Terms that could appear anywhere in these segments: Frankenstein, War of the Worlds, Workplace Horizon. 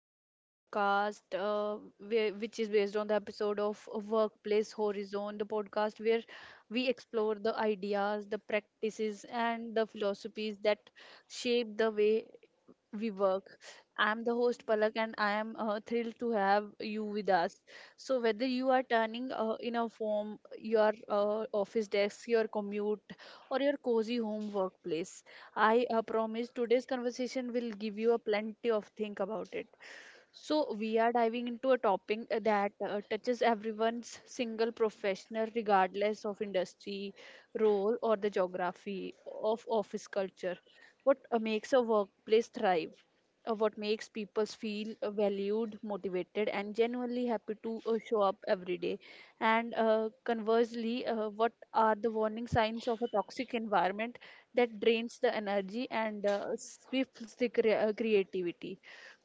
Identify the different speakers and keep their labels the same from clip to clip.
Speaker 1: today's podcast, which is based on the episode of Workplace Horizon, the podcast where we explore the ideas, the practices, and the philosophies that shape the way we work. I'm the host Palak, and I am thrilled to have you with us. So whether you are turning in a form, your office desk, your commute, or your cozy home workplace, I promise today's conversation will give you a plenty of think about it. We are diving into a topic that touches everyone's single professional, regardless of industry, role, or the geography of office culture. What makes a workplace thrive? What makes people feel valued, motivated, and genuinely happy to show up every day? And conversely, what are the warning signs of a toxic environment that drains the energy and stifles the creativity?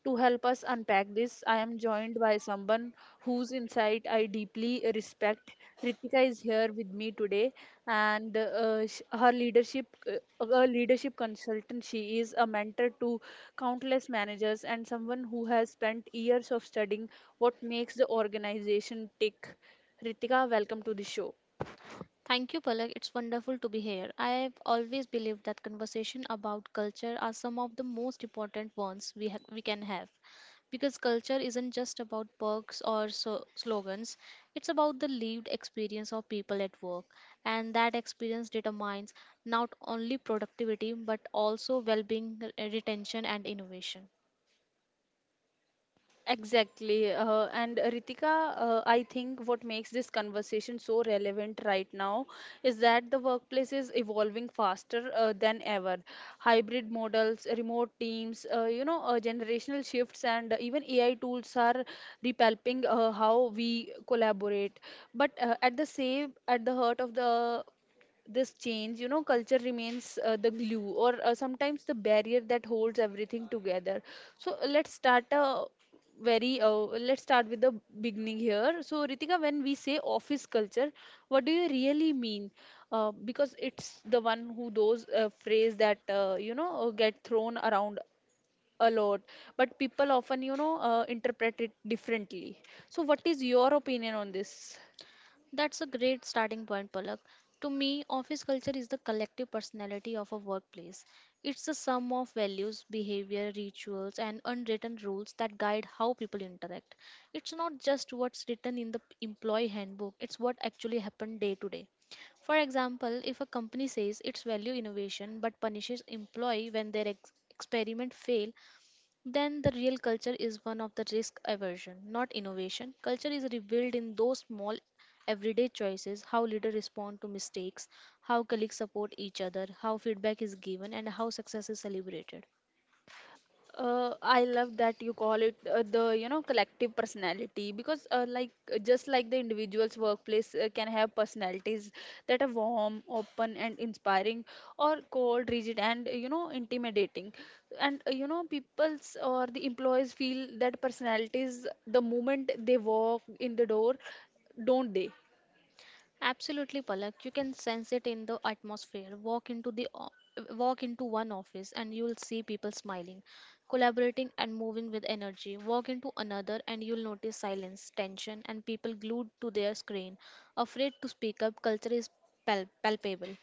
Speaker 1: To help us unpack this, I am joined by someone whose insight I deeply respect. Ritika is here with me today, and her leadership, a leadership consultant, she is a mentor to countless managers and someone who has spent years of studying what makes the organization tick. Ritika, welcome to the show.
Speaker 2: Thank you, Palak. It's wonderful to be here. I've always believed that conversation about culture are some of the most important ones we can have, because culture isn't just about perks or slogans. It's about the lived experience of people at work, and that experience determines not only productivity but also well-being, retention, and innovation.
Speaker 1: Exactly. And Ritika, I think what makes this conversation so relevant right now is that the workplace is evolving faster than ever. Hybrid models, remote teams, generational shifts, and even AI tools are repalping how we collaborate. But at the heart of the this change, you know, culture remains the glue, or sometimes the barrier that holds everything together. So very uh, let's start with the beginning here. So Ritika, when we say office culture, what do you really mean? Because it's the one who those phrase that, get thrown around a lot, but people often, you know, interpret it differently. So what is your opinion on this?
Speaker 2: That's a great starting point, Palak. To me, office culture is the collective personality of a workplace. It's the sum of values, behavior, rituals, and unwritten rules that guide how people interact. It's not just what's written in the employee handbook, it's what actually happened day to day. For example, if a company says it's value innovation but punishes employee when their experiment fail, then the real culture is one of the risk aversion, not innovation. Culture is revealed in those small everyday choices how leaders respond to mistakes, how colleagues support each other, how feedback is given, and how success is celebrated.
Speaker 1: I love that you call it the collective personality, because just like the individual's workplace can have personalities that are warm, open, and inspiring, or cold, rigid, and, you know, intimidating, and, you know, people's or the employees feel that personalities the moment they walk in the door, don't they?
Speaker 2: Absolutely, Palak. You can sense it in the atmosphere. Walk into one office and you'll see people smiling, collaborating and moving with energy. Walk into another and you'll notice silence, tension and people glued to their screen, afraid to speak up. Culture is palpable.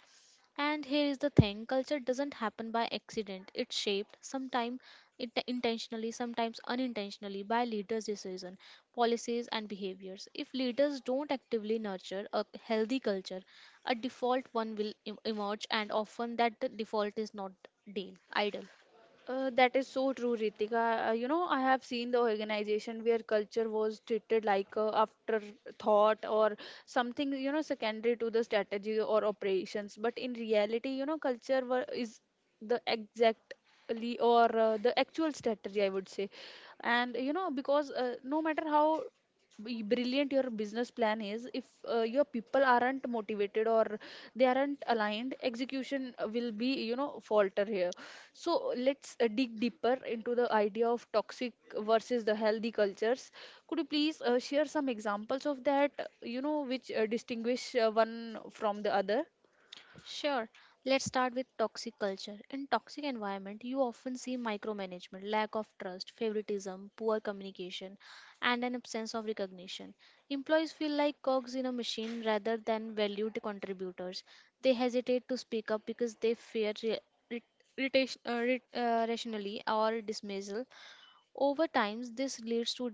Speaker 2: And here is the thing. Culture doesn't happen by accident. It's shaped, sometimes it intentionally, sometimes unintentionally, by leaders' decisions, policies, and behaviors. If leaders don't actively nurture a healthy culture, a default one will emerge, and often that default is not deal, idle.
Speaker 1: That is so true, Ritika. You know, I have seen the organization where culture was treated like a afterthought or something, you know, secondary to the strategy or operations. But in reality, you know, culture were, is the exactly or the actual strategy, I would say. And you know, because no matter how brilliant your business plan is, if your people aren't motivated, or they aren't aligned, execution will be, you know, falter here. So let's dig deeper into the idea of toxic versus the healthy cultures. Could you please share some examples of that, you know, which distinguish one from the other?
Speaker 2: Sure, let's start with toxic culture. In toxic environment, you often see micromanagement, lack of trust, favoritism, poor communication, and an absence of recognition. Employees feel like cogs in a machine rather than valued contributors. They hesitate to speak up because they fear re- rationally or dismissal. Over time, this leads to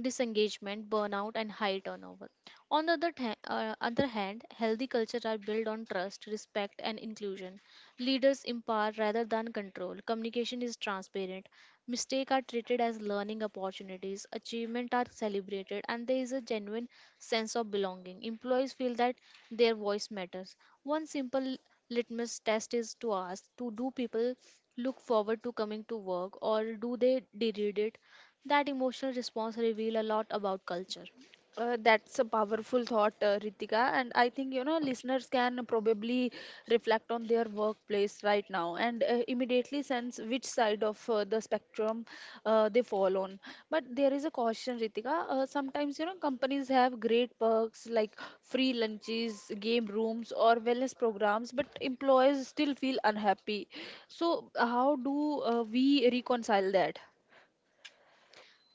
Speaker 2: disengagement, burnout, and high turnover. On the other hand, healthy cultures are built on trust, respect, and inclusion. Leaders empower rather than control. Communication is transparent. Mistakes are treated as learning opportunities. Achievements are celebrated, and there is a genuine sense of belonging. Employees feel that their voice matters. One simple litmus test is to ask to do people look forward to coming to work or do they deride it? That emotional response reveal a lot about culture.
Speaker 1: That's a powerful thought, Ritika. And I think, you know, listeners can probably reflect on their workplace right now and immediately sense which side of the spectrum they fall on. But there is a caution, Ritika. Sometimes, you know, companies have great perks like free lunches, game rooms, or wellness programs, but employees still feel unhappy. So how do we reconcile that?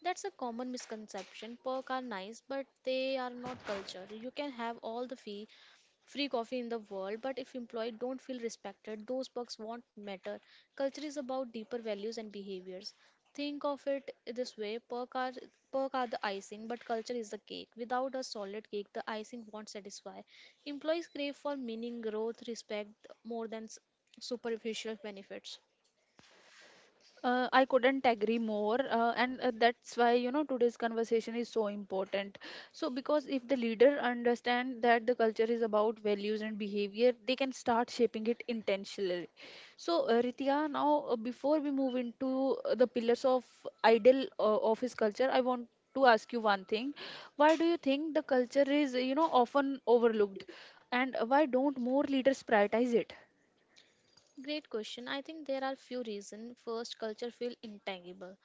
Speaker 2: That's a common misconception. Perk are nice, but they are not culture. You can have all the free coffee in the world, but if employee don't feel respected, those perks won't matter. Culture is about deeper values and behaviors. Think of it this way: perk are the icing, but culture is the cake. Without a solid cake, the icing won't satisfy. Employees crave for meaning, growth, respect more than superficial benefits.
Speaker 1: I couldn't agree more, and that's why, you know, today's conversation is so important. So, because if the leader understand that the culture is about values and behavior, they can start shaping it intentionally. So, Ritika, now before we move into the pillars of ideal office culture, I want to ask you one thing: why do you think the culture is, you know, often overlooked, and why don't more leaders prioritize it?
Speaker 2: Great question. I think there are few reasons. First, culture feel intangible.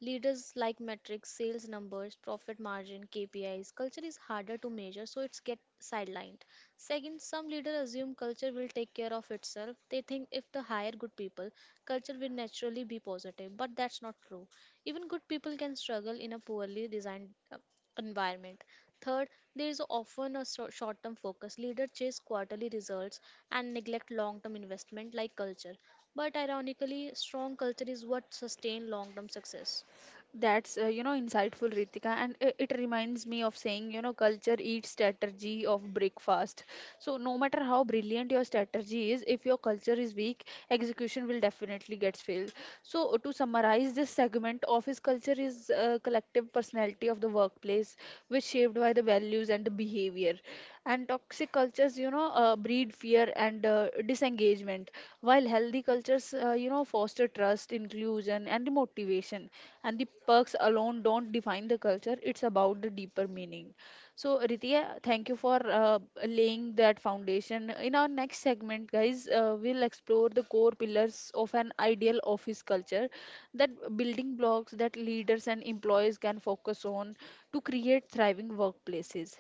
Speaker 2: Leaders like metrics, sales numbers, profit margin, KPIs. Culture is harder to measure, so it's get sidelined. Second, some leaders assume culture will take care of itself. They think if they hire good people, culture will naturally be positive, but that's not true. Even good people can struggle in a poorly designed environment. Third, there is often a short term focus. Leaders chase quarterly results and neglect long term investment like culture. But ironically, strong culture is what sustains long term success.
Speaker 1: That's insightful, Ritika, and it reminds me of saying, you know, culture eats strategy of breakfast. So no matter how brilliant your strategy is, if your culture is weak, execution will definitely get failed. So to summarize this segment, office culture is a collective personality of the workplace, which shaped by the values and the behavior. And toxic cultures, you know, breed fear and disengagement, while healthy cultures, foster trust, inclusion, and motivation, and the perks alone don't define the culture. It's about the deeper meaning. So Rithia, thank you for laying that foundation. In our next segment, guys, we'll explore the core pillars of an ideal office culture, that building blocks that leaders and employees can focus on to create thriving workplaces.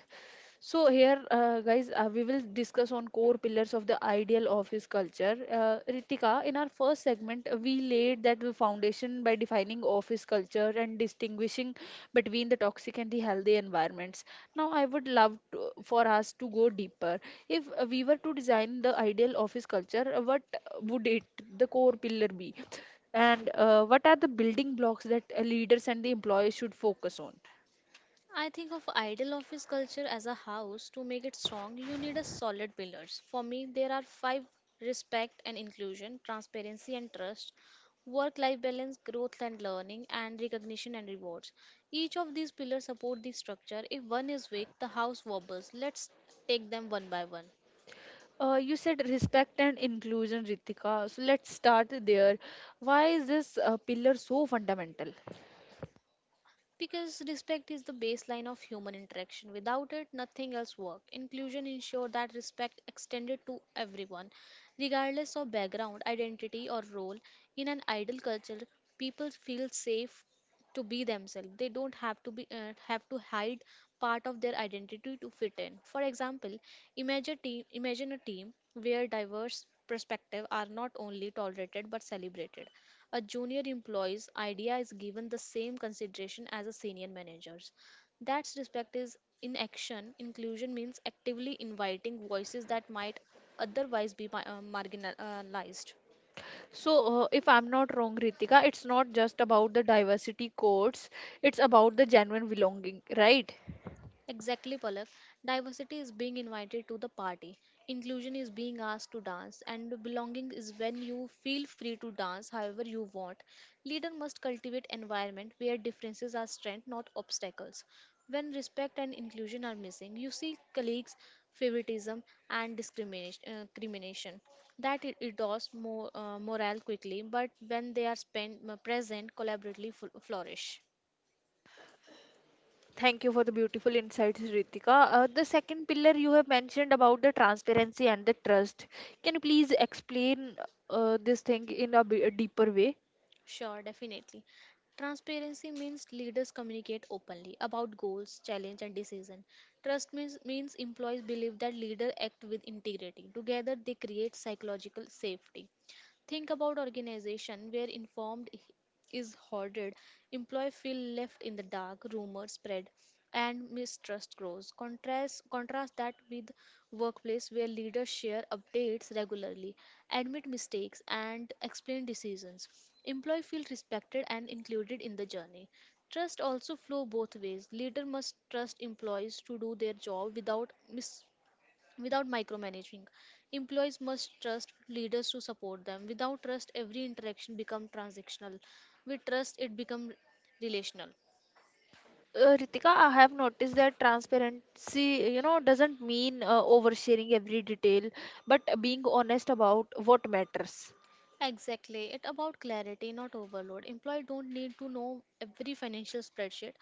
Speaker 1: So here, guys, we will discuss on core pillars of the ideal office culture. Ritika, in our first segment, we laid that the foundation by defining office culture and distinguishing between the toxic and the healthy environments. Now, I would love to, for us to go deeper. If we were to design the ideal office culture, what would it, the core pillar, be? And what are the building blocks that leaders and the employees should focus on?
Speaker 2: I think of ideal office culture as a house. To make it strong, you need a solid pillars. For me, there are five: respect and inclusion, transparency and trust, work life balance, growth and learning, and recognition and rewards. Each of these pillars support the structure. If one is weak, the house wobbles. Let's take them one by one.
Speaker 1: You said respect and inclusion, Ritika. So let's start there. Why is this pillar so fundamental?
Speaker 2: Because respect is the baseline of human interaction. Without it, nothing else works. Inclusion ensures that respect extended to everyone, regardless of background, identity, or role. In an ideal culture, people feel safe to be themselves. They don't have to hide part of their identity to fit in. For example, imagine a team where diverse perspectives are not only tolerated but celebrated. A junior employee's idea is given the same consideration as a senior manager's. That's respect is in action. Inclusion means actively inviting voices that might otherwise be marginalized.
Speaker 1: So, if I'm not wrong, Ritika, it's not just about the diversity codes, it's about the genuine belonging, right?
Speaker 2: Exactly, Palak. Diversity is being invited to the party. Inclusion is being asked to dance, and belonging is when you feel free to dance however you want. Leader must cultivate environment where differences are strength, not obstacles. When respect and inclusion are missing, you see colleagues, favoritism, and discrimination. That it endorse more morale quickly, but when they are spent, present, collaboratively flourish.
Speaker 1: Thank you for the beautiful insights, Ritika. The second pillar you have mentioned about the transparency and the trust. Can you please explain this thing in a, a deeper way?
Speaker 2: Sure, definitely. Transparency means leaders communicate openly about goals, challenge, and decision. Trust means employees believe that leaders act with integrity. Together, they create psychological safety. Think about organization where informed is hoarded, employee feel left in the dark, rumors spread, and mistrust grows. Contrast that with workplace where leaders share updates regularly, admit mistakes, and explain decisions. Employee feel respected and included in the journey. Trust also flow both ways. Leader must trust employees to do their job without micromanaging. Employees must trust leaders to support them. Without trust, every interaction becomes transactional. With trust, it becomes relational.
Speaker 1: Ritika, I have noticed that transparency, you know, doesn't mean oversharing every detail, but being honest about what matters.
Speaker 2: Exactly. It about clarity, not overload. Employee don't need to know every financial spreadsheet,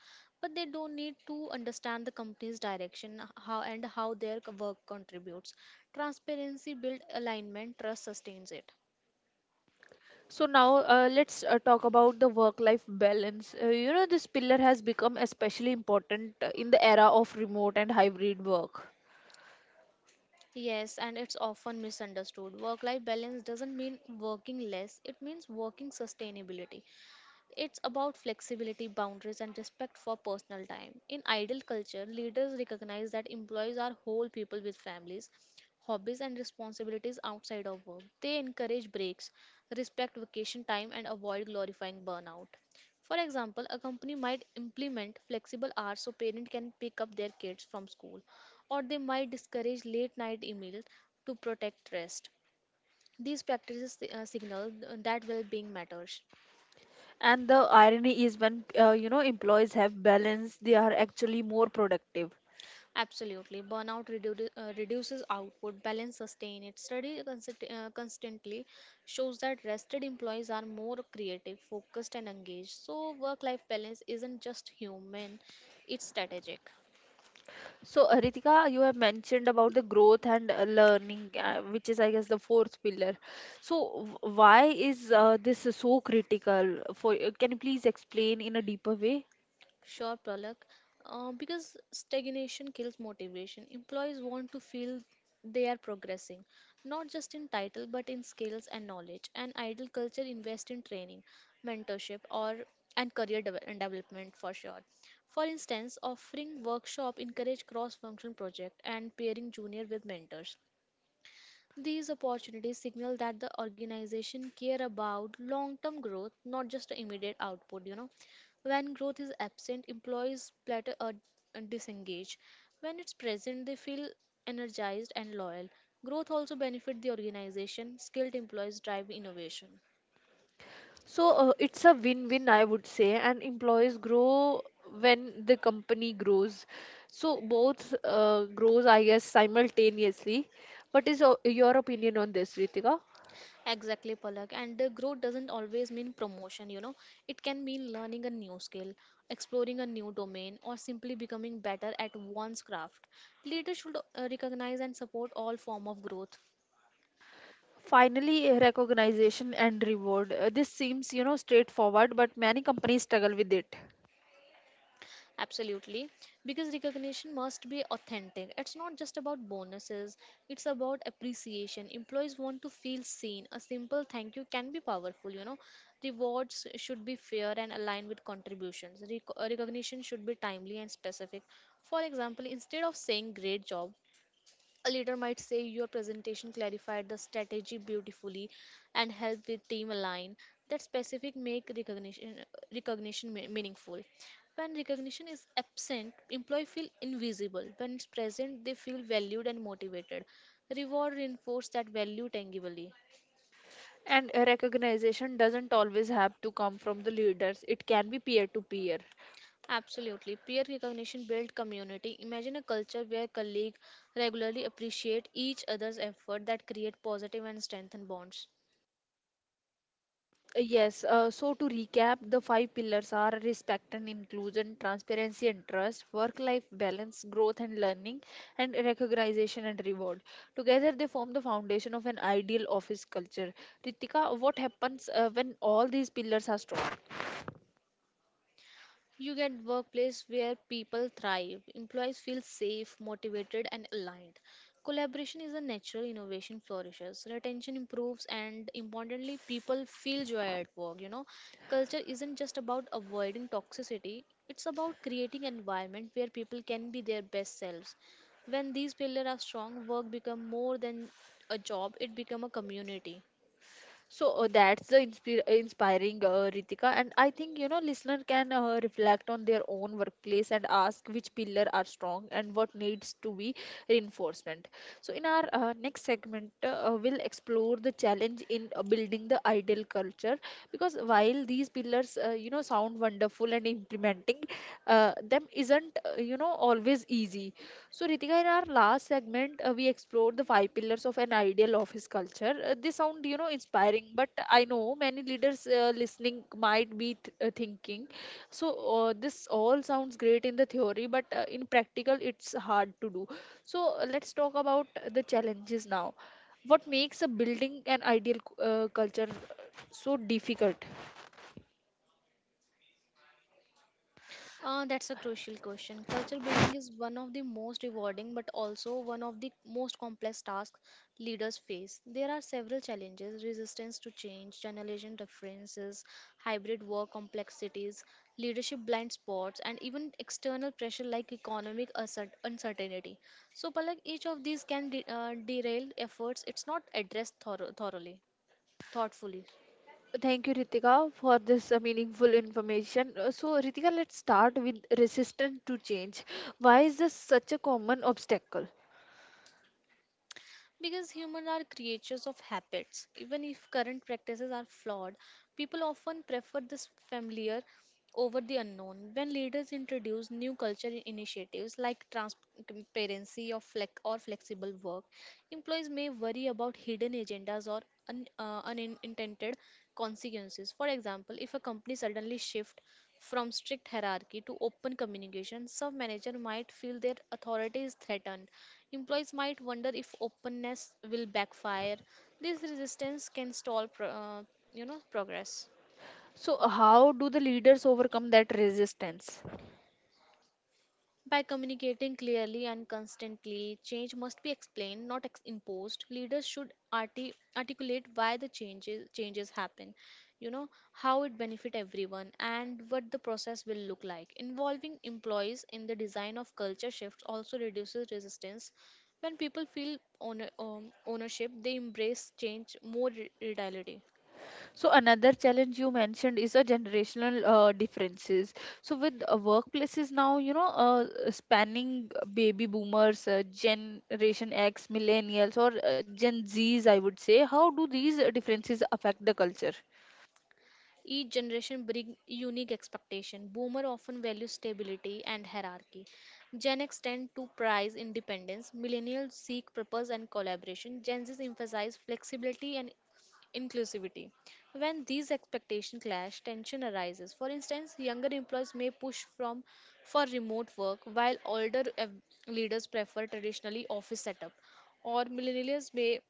Speaker 2: but they don't need to understand the company's direction, how their work contributes. Transparency build alignment, trust sustains it.
Speaker 1: So now let's talk about the work-life balance. You know, this pillar has become especially important in the era of remote and hybrid work.
Speaker 2: Yes, and it's often misunderstood. Work life balance doesn't mean working less, it means working sustainability. It's about flexibility, boundaries, and respect for personal time. In idle culture, leaders recognize that employees are whole people with families, hobbies, and responsibilities outside of work. They encourage breaks, respect vacation time, and avoid glorifying burnout. For example, a company might implement flexible hours so parents can pick up their kids from school, or they might discourage late night emails to protect rest. These practices signal that well being matters.
Speaker 1: And the irony is when, you know, employees have balance, they are actually more productive.
Speaker 2: Absolutely. Burnout reduces output, balance sustain it. Study constantly shows that rested employees are more creative, focused, and engaged. So, work life balance isn't just human, it's strategic.
Speaker 1: So, Ritika, you have mentioned about the growth and learning, which is, I guess, the fourth pillar. So, why is this so critical? For can you please explain in a deeper way?
Speaker 2: Sure, Pralak. Because stagnation kills motivation. Employees want to feel they are progressing, not just in title but in skills and knowledge. An idle culture invests in training, mentorship, or and career deve- and development for sure. For instance, offering workshop encourage cross-functional project and pairing junior with mentors. These opportunities signal that the organization care about long-term growth, not just the immediate output. When growth is absent, employees plateau or disengage. When it's present, they feel energized and loyal. Growth also benefits the organization. Skilled employees drive innovation.
Speaker 1: So, it's a win-win, I would say, and employees grow when the company grows. So, both grows, I guess, simultaneously. What is your opinion on this, Ritika?
Speaker 2: Exactly, Palak. And the growth doesn't always mean promotion. It can mean learning a new skill, exploring a new domain, or simply becoming better at one's craft. Leaders should recognize and support all form of growth.
Speaker 1: Finally, recognition and reward. This seems, you know, straightforward, but many companies struggle with it.
Speaker 2: Absolutely. Because recognition must be authentic. It's not just about bonuses, it's about appreciation. Employees want to feel seen. A simple thank you can be powerful. Rewards should be fair and aligned with contributions. Recognition should be timely and specific. For example, instead of saying great job, a leader might say your presentation clarified the strategy beautifully and helped with team align. That specific make recognition meaningful. When recognition is absent, employee feel invisible. When it's present, they feel valued and motivated. Reward reinforce that value tangibly.
Speaker 1: And recognition doesn't always have to come from the leaders, it can be peer to peer.
Speaker 2: Absolutely. Peer recognition build community. Imagine a culture where colleagues regularly appreciate each other's effort that create positive and strengthen bonds.
Speaker 1: Yes, so to recap, the five pillars are respect and inclusion, transparency and trust, work life balance, growth and learning, and recognition and reward. Together, they form the foundation of an ideal office culture. Ritika, what happens when all these pillars are strong?
Speaker 2: You get workplace where people thrive, employees feel safe, motivated and aligned. Collaboration is a natural innovation flourishes, retention improves and importantly people feel joy at work. Culture isn't just about avoiding toxicity, it's about creating an environment where people can be their best selves. When these pillars are strong, work become more than a job, it become a community.
Speaker 1: So that's the inspiring, Ritika, and I think, you know, listener can reflect on their own workplace and ask which pillar are strong and what needs to be reinforcement. So in our next segment, we'll explore the challenge in building the ideal culture, because while these pillars, you know, sound wonderful, and implementing them isn't, you know, always easy. So, Ritika, in our last segment, we explored the five pillars of an ideal office culture. They sound, you know, inspiring, but I know many leaders listening might be thinking, so this all sounds great in the theory, but in practical, it's hard to do. So, let's talk about the challenges now. What makes a building an ideal culture so difficult?
Speaker 2: That's a crucial question. Culture building is one of the most rewarding but also one of the most complex tasks leaders face. There are several challenges: resistance to change, generation differences, hybrid work complexities, leadership blind spots, and even external pressure like economic uncertainty. So, Palak, each of these can derail efforts, it's not addressed thoroughly, thoughtfully.
Speaker 1: Thank you, Ritika, for this meaningful information. So, Ritika, let's start with resistance to change. Why is this such a common obstacle?
Speaker 2: Because humans are creatures of habits. Even if current practices are flawed, people often prefer this familiar over the unknown. When leaders introduce new culture initiatives like transparency or flexible work, employees may worry about hidden agendas or unintended consequences. For example, if a company suddenly shifts from strict hierarchy to open communication, some manager might feel their authority is threatened. Employees might wonder if openness will backfire. This resistance can stall progress.
Speaker 1: So, how do the leaders overcome that resistance?
Speaker 2: By communicating clearly and constantly, change must be explained, not ex- imposed. Leaders should articulate why the changes happen, how it benefit everyone, and what the process will look like. Involving employees in the design of culture shifts also reduces resistance. When people feel ownership, they embrace change more readily.
Speaker 1: So, another challenge you mentioned is a generational differences. So, with workplaces now, you know, spanning baby boomers, Generation X, millennials, or Gen Zs, I would say, how do these differences affect the culture?
Speaker 2: Each generation brings unique expectation. Boomer often value stability and hierarchy. Gen X tend to prize independence. Millennials seek purpose and collaboration. Gen Z emphasize flexibility and inclusivity. When these expectations clash, tension arises. For instance, younger employees may push from for remote work while leaders prefer traditionally office setup, or millennials may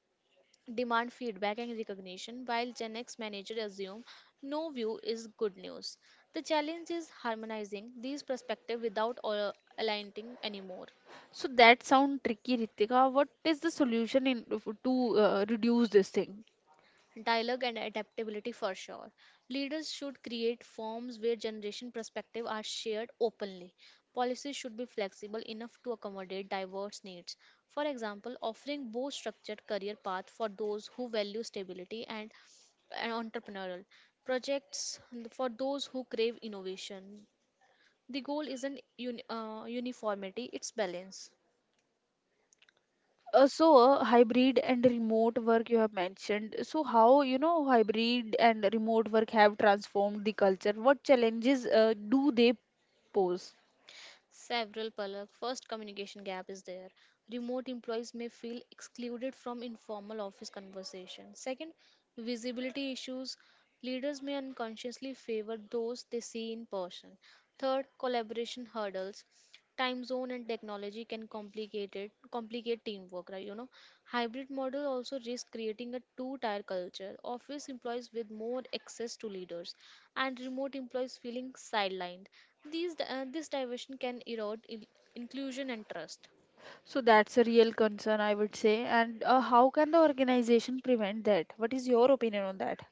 Speaker 2: demand feedback and recognition, while Gen X managers assume no view is good news. The challenge is harmonizing these perspectives without aligning anymore.
Speaker 1: So that sound tricky, Ritika. What is the solution in to reduce this thing?
Speaker 2: Dialogue and adaptability, for sure. Leaders should create forms where generation perspective are shared openly. Policies should be flexible enough to accommodate diverse needs, for example offering both structured career path for those who value stability and entrepreneurial projects for those who crave innovation. The goal isn't uniformity, it's balance.
Speaker 1: So hybrid and remote work you have mentioned. So how, you know, hybrid and remote work have transformed the culture? What challenges do they pose?
Speaker 2: Several, Palak. First, communication gap is there. Remote employees may feel excluded from informal office conversation. Second, visibility issues. Leaders may unconsciously favor those they see in person. Third, collaboration hurdles. Time zone and technology can complicate teamwork, right? Hybrid model also risks creating a two-tier culture. Office employees with more access to leaders, and remote employees feeling sidelined. These This diversion can erode inclusion and trust.
Speaker 1: So that's a real concern, I would say. And how can the organization prevent that? What is your opinion on that?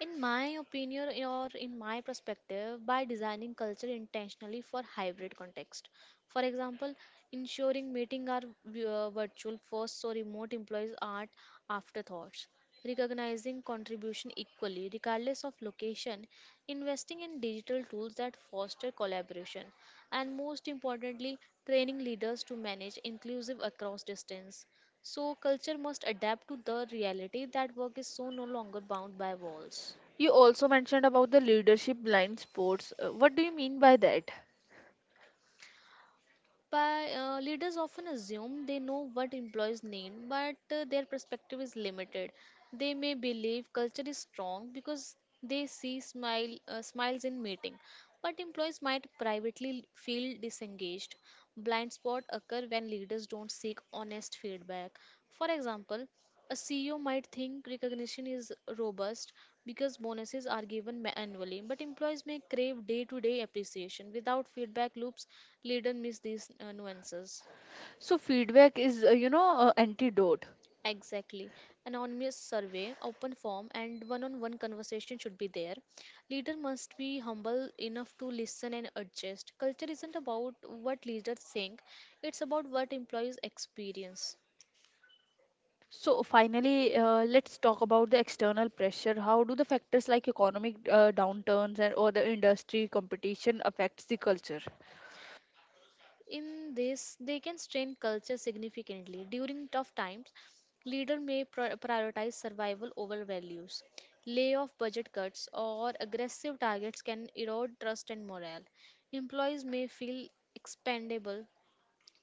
Speaker 2: In my opinion or in my perspective, by designing culture intentionally for hybrid context. For example, ensuring meeting are virtual first so remote employees are afterthoughts. Recognizing contribution equally regardless of location, investing in digital tools that foster collaboration, and most importantly, training leaders to manage inclusive across distance. So, culture must adapt to the reality that work is so no longer bound by walls.
Speaker 1: You also mentioned about the leadership blind spots. What do you mean by that?
Speaker 2: By Leaders often assume they know what employees need, but their perspective is limited. They may believe culture is strong because they see smiles in meeting, but employees might privately feel disengaged. Blind spots occur when leaders don't seek honest feedback. For example, a CEO might think recognition is robust because bonuses are given annually, but employees may crave day to day appreciation. Without feedback loops, leaders miss these nuances.
Speaker 1: So feedback is, antidote.
Speaker 2: Exactly. Anonymous survey, open form, and one on one conversation should be there. Leader must be humble enough to listen and adjust. Culture isn't about what leaders think, it's about what employees experience.
Speaker 1: So finally, let's talk about the external pressure. How do the factors like economic downturns and or the industry competition affects the culture?
Speaker 2: In this, they can strain culture significantly. During tough times, leaders may prioritize survival over values. Layoff budget cuts or aggressive targets can erode trust and morale. Employees may feel expendable.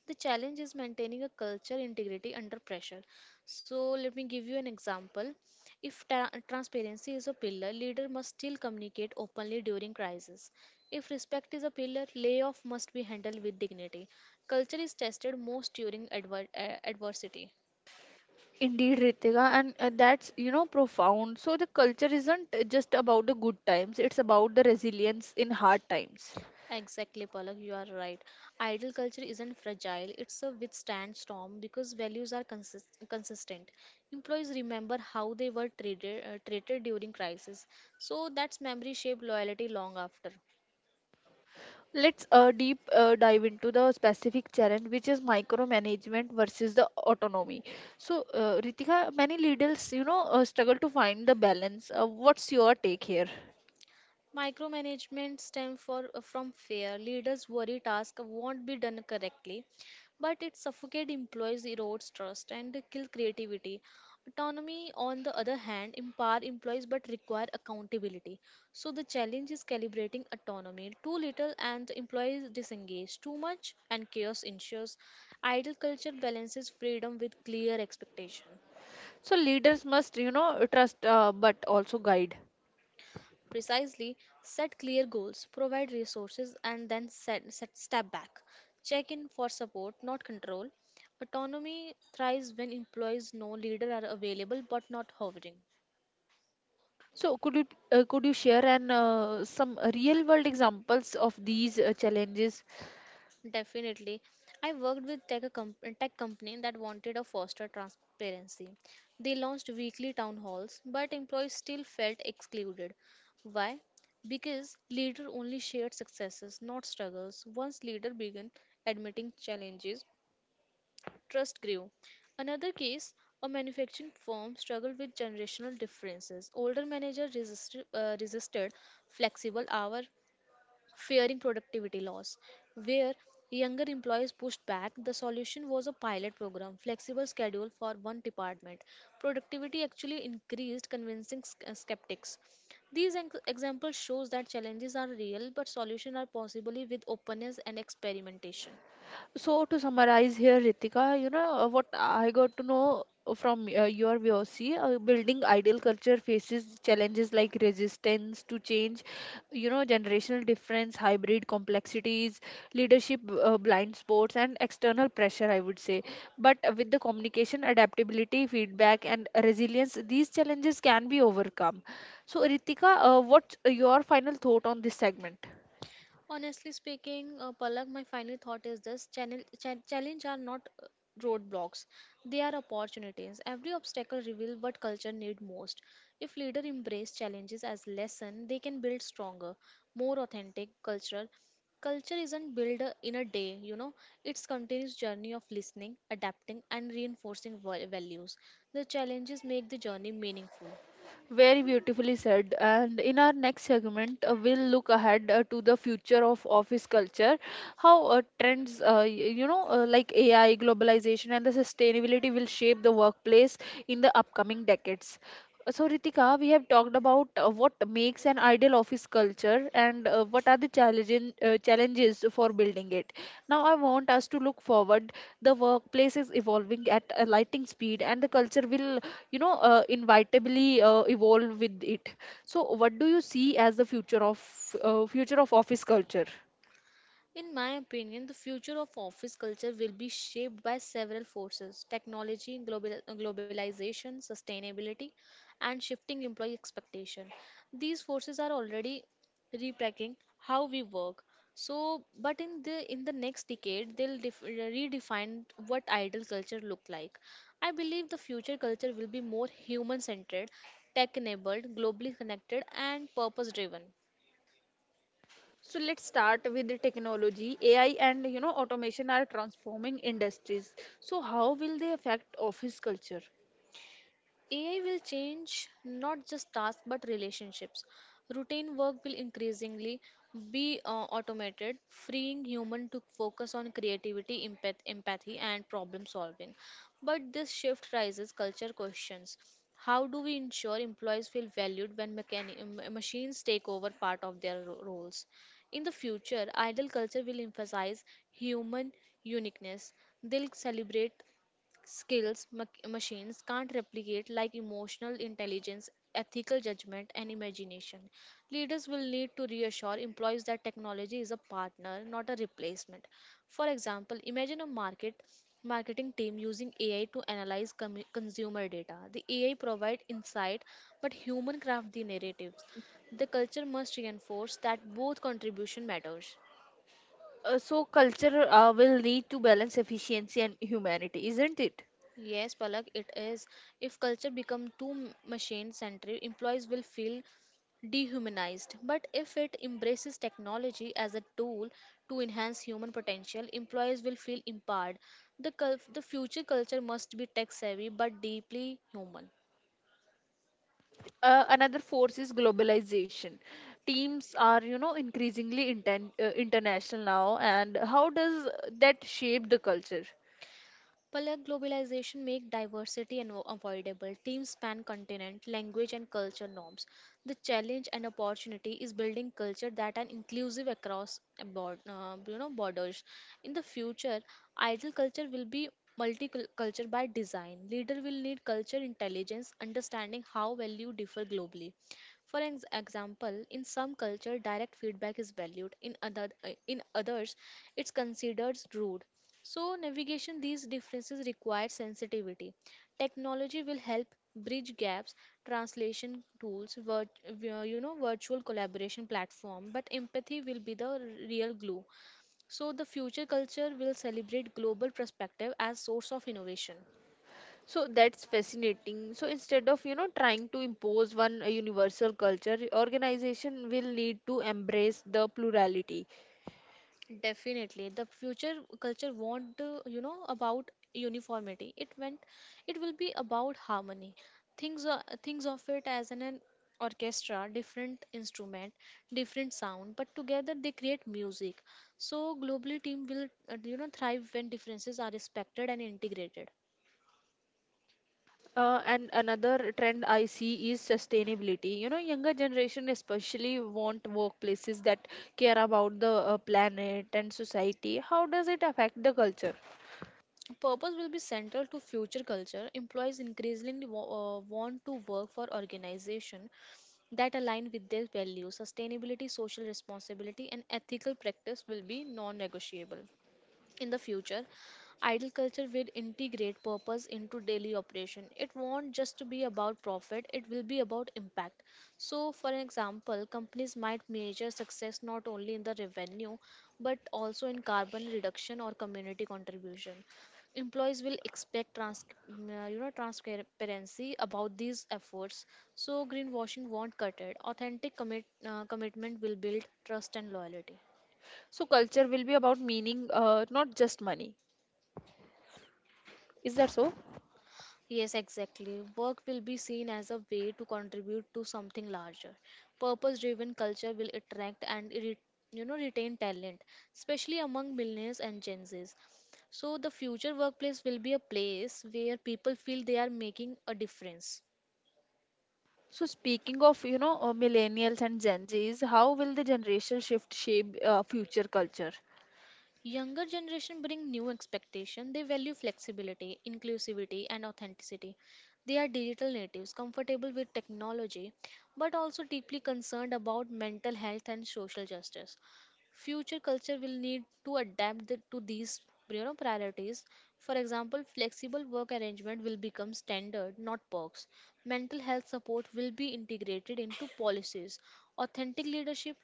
Speaker 2: The challenge is maintaining a culture integrity under pressure. So, let me give you an example. If transparency is a pillar, leader must still communicate openly during crisis. If respect is a pillar, layoff must be handled with dignity. Culture is tested most during adversity.
Speaker 1: Indeed, Ritika, and that's profound. So the culture isn't just about the good times; it's about the resilience in hard times.
Speaker 2: Exactly, Palak, you are right. Idol culture isn't fragile, it's a withstand storm because values are consistent. Employees remember how they were treated during crisis, so that's memory shaped loyalty long after.
Speaker 1: Let's deep dive into the specific challenge, which is micromanagement versus the autonomy. So, Ritika, many leaders struggle to find the balance. What's your take here?
Speaker 2: Micromanagement stems from fear. Leaders worry tasks won't be done correctly, but it suffocates employees, erodes trust, and kills creativity. Autonomy, on the other hand, empower employees but require accountability. So the challenge is calibrating autonomy. Too little and the employees disengage. Too much and chaos ensues. Ideal culture balances freedom with clear expectation.
Speaker 1: So leaders must, trust but also guide.
Speaker 2: Precisely, set clear goals, provide resources, and then set, set step back. Check in for support, not control. Autonomy thrives when employees know leader are available but not hovering.
Speaker 1: So could you share an some real world examples of these challenges.
Speaker 2: Definitely. I worked with tech company that wanted a foster transparency. They launched weekly town halls, but employees still felt excluded. Why? Because leader only shared successes, not struggles. Once leader began admitting challenges, trust grew. Another case, a manufacturing firm struggled with generational differences. Older managers resisted flexible hour, fearing productivity loss. Where younger employees pushed back, the solution was a pilot program, flexible schedule for one department. Productivity actually increased, convincing skeptics. Examples shows that challenges are real, but solutions are possible with openness and experimentation.
Speaker 1: So to summarize here, Ritika, what I got to know from your VOC, building ideal culture faces challenges like resistance to change, generational difference, hybrid complexities, leadership blind spots, and external pressure. I would say, but with the communication, adaptability, feedback, and resilience, these challenges can be overcome. So, Ritika, what's your final thought on this segment?
Speaker 2: Honestly speaking, Palak, my final thought is challenge are not roadblocks, they are opportunities. Every obstacle reveals what culture need most. If leaders embrace challenges as lesson, they can build stronger, more authentic culture. Culture isn't built in a day, you know, it's continuous journey of listening, adapting, and reinforcing values. The challenges make the journey meaningful.
Speaker 1: Very beautifully said. And in our next segment, we'll look ahead to the future of office culture, how trends, y- you know, like AI, globalization, and the sustainability will shape the workplace in the upcoming decades. So Ritika, we have talked about what makes an ideal office culture and uh, what are the challenges for building it. Now, I want us to look forward. The workplace is evolving at a lightning speed, and the culture will inevitably evolve with it. So what do you see as the future of office culture?
Speaker 2: In my opinion, the future of office culture will be shaped by several forces technology, globalization, sustainability, and shifting employee expectation. These forces are already repacking how we work. So, but in the next decade, they'll redefine what ideal culture look like. I believe the future culture will be more human-centered, tech-enabled, globally connected, and purpose-driven.
Speaker 1: So let's start with the technology. AI and automation are transforming industries. So how will they affect office culture?
Speaker 2: AI will change not just tasks but relationships. Routine work will increasingly be automated, freeing human to focus on creativity, empathy, and problem solving. But this shift raises culture questions. How do we ensure employees feel valued when machines take over part of their roles? In the future, ideal culture will emphasize human uniqueness. They'll celebrate skills machines can't replicate like emotional intelligence, ethical judgment, and imagination. Leaders will need to reassure employees that technology is a partner, not a replacement. For example, imagine a marketing team using AI to analyze consumer data. The AI provide insight, but human craft the narratives. The culture must reinforce that both contribution matters.
Speaker 1: So culture will need to balance efficiency and humanity, isn't it?
Speaker 2: Yes, Palak, it is. If culture become too machine-centric, employees will feel dehumanized. But if it embraces technology as a tool to enhance human potential, employees will feel empowered. The future culture must be tech-savvy but deeply human.
Speaker 1: Another force is globalization. Teams are you know increasingly international now, and how does that shape the culture?
Speaker 2: Player globalization make diversity unavoidable. Teams span continent, language, and culture norms. The challenge and opportunity is building culture that are inclusive across a borders. In the future, ideal culture will be multicultural by design. Leader will need culture intelligence, understanding how value differ globally. For example, in some culture, direct feedback is valued. In in others, it's considered rude. So, navigation these differences requires sensitivity. Technology will help bridge gaps, translation tools, virtual collaboration platform, but empathy will be the real glue. So, the future culture will celebrate global perspective as source of innovation.
Speaker 1: So that's fascinating. So instead of, trying to impose one universal culture, organization will need to embrace the plurality.
Speaker 2: Definitely, the future culture won't about uniformity. It will be about harmony. Things of it as an orchestra, different instrument, different sound, but together they create music. So globally, team will thrive when differences are respected and integrated.
Speaker 1: And another trend I see is sustainability. You know, younger generation especially want workplaces that care about the planet and society. How does it affect the culture?
Speaker 2: Purpose will be central to future culture. Employees increasingly want to work for organization that align with their values. Sustainability, social responsibility, and ethical practice will be non negotiable. In the future, idol culture will integrate purpose into daily operation. It won't just be about profit, it will be about impact. So, for example, companies might measure success not only in the revenue but also in carbon reduction or community contribution. Employees will expect transparency about these efforts. So, greenwashing won't cut it. Authentic commitment will build trust and loyalty.
Speaker 1: So culture will be about meaning, not just money. Is that so?
Speaker 2: Yes, exactly. Work will be seen as a way to contribute to something larger. Purpose-driven culture will attract and retain talent, especially among millennials and Gen Zs. So the future workplace will be a place where people feel they are making a difference.
Speaker 1: So speaking of, millennials and Gen Zs, how will the generation shift shape future culture?
Speaker 2: Younger generation bring new expectation. They value flexibility, inclusivity and authenticity. They are digital natives, comfortable with technology but also deeply concerned about mental health and social justice. Future culture will need to to these priorities. For example, flexible work arrangement will become standard, not perks. Mental health support will be integrated into policies. Authentic leadership.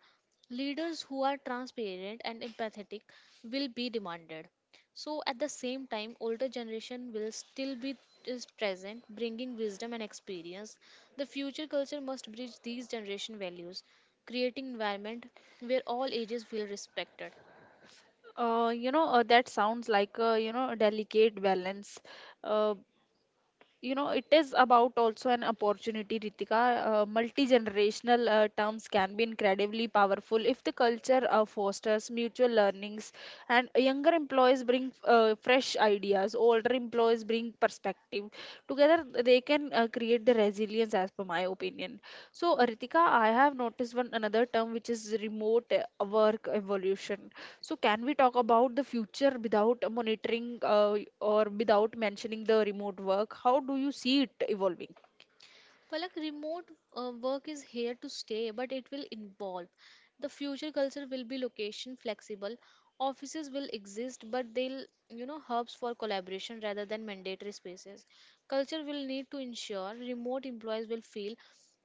Speaker 2: Leaders who are transparent and empathetic will be demanded. So at the same time, older generation will still be is present, bringing wisdom and experience. The future culture must bridge these generation values, creating environment where all ages feel respected.
Speaker 1: That sounds like a delicate balance. Uh, you know, it is about also an opportunity, Ritika. Multi-generational terms can be incredibly powerful if the culture fosters mutual learnings, and younger employees bring fresh ideas, older employees bring perspective. Together, they can create the resilience, as per my opinion. So Ritika, I have noticed one another term, which is remote work evolution. So, can we talk about the future without monitoring or without mentioning the remote work? How do you see it evolving?
Speaker 2: Palak, remote work is here to stay, but it will involve. The future culture will be location flexible. Offices will exist, but they'll hubs for collaboration rather than mandatory spaces. Culture will need to ensure remote employees will feel,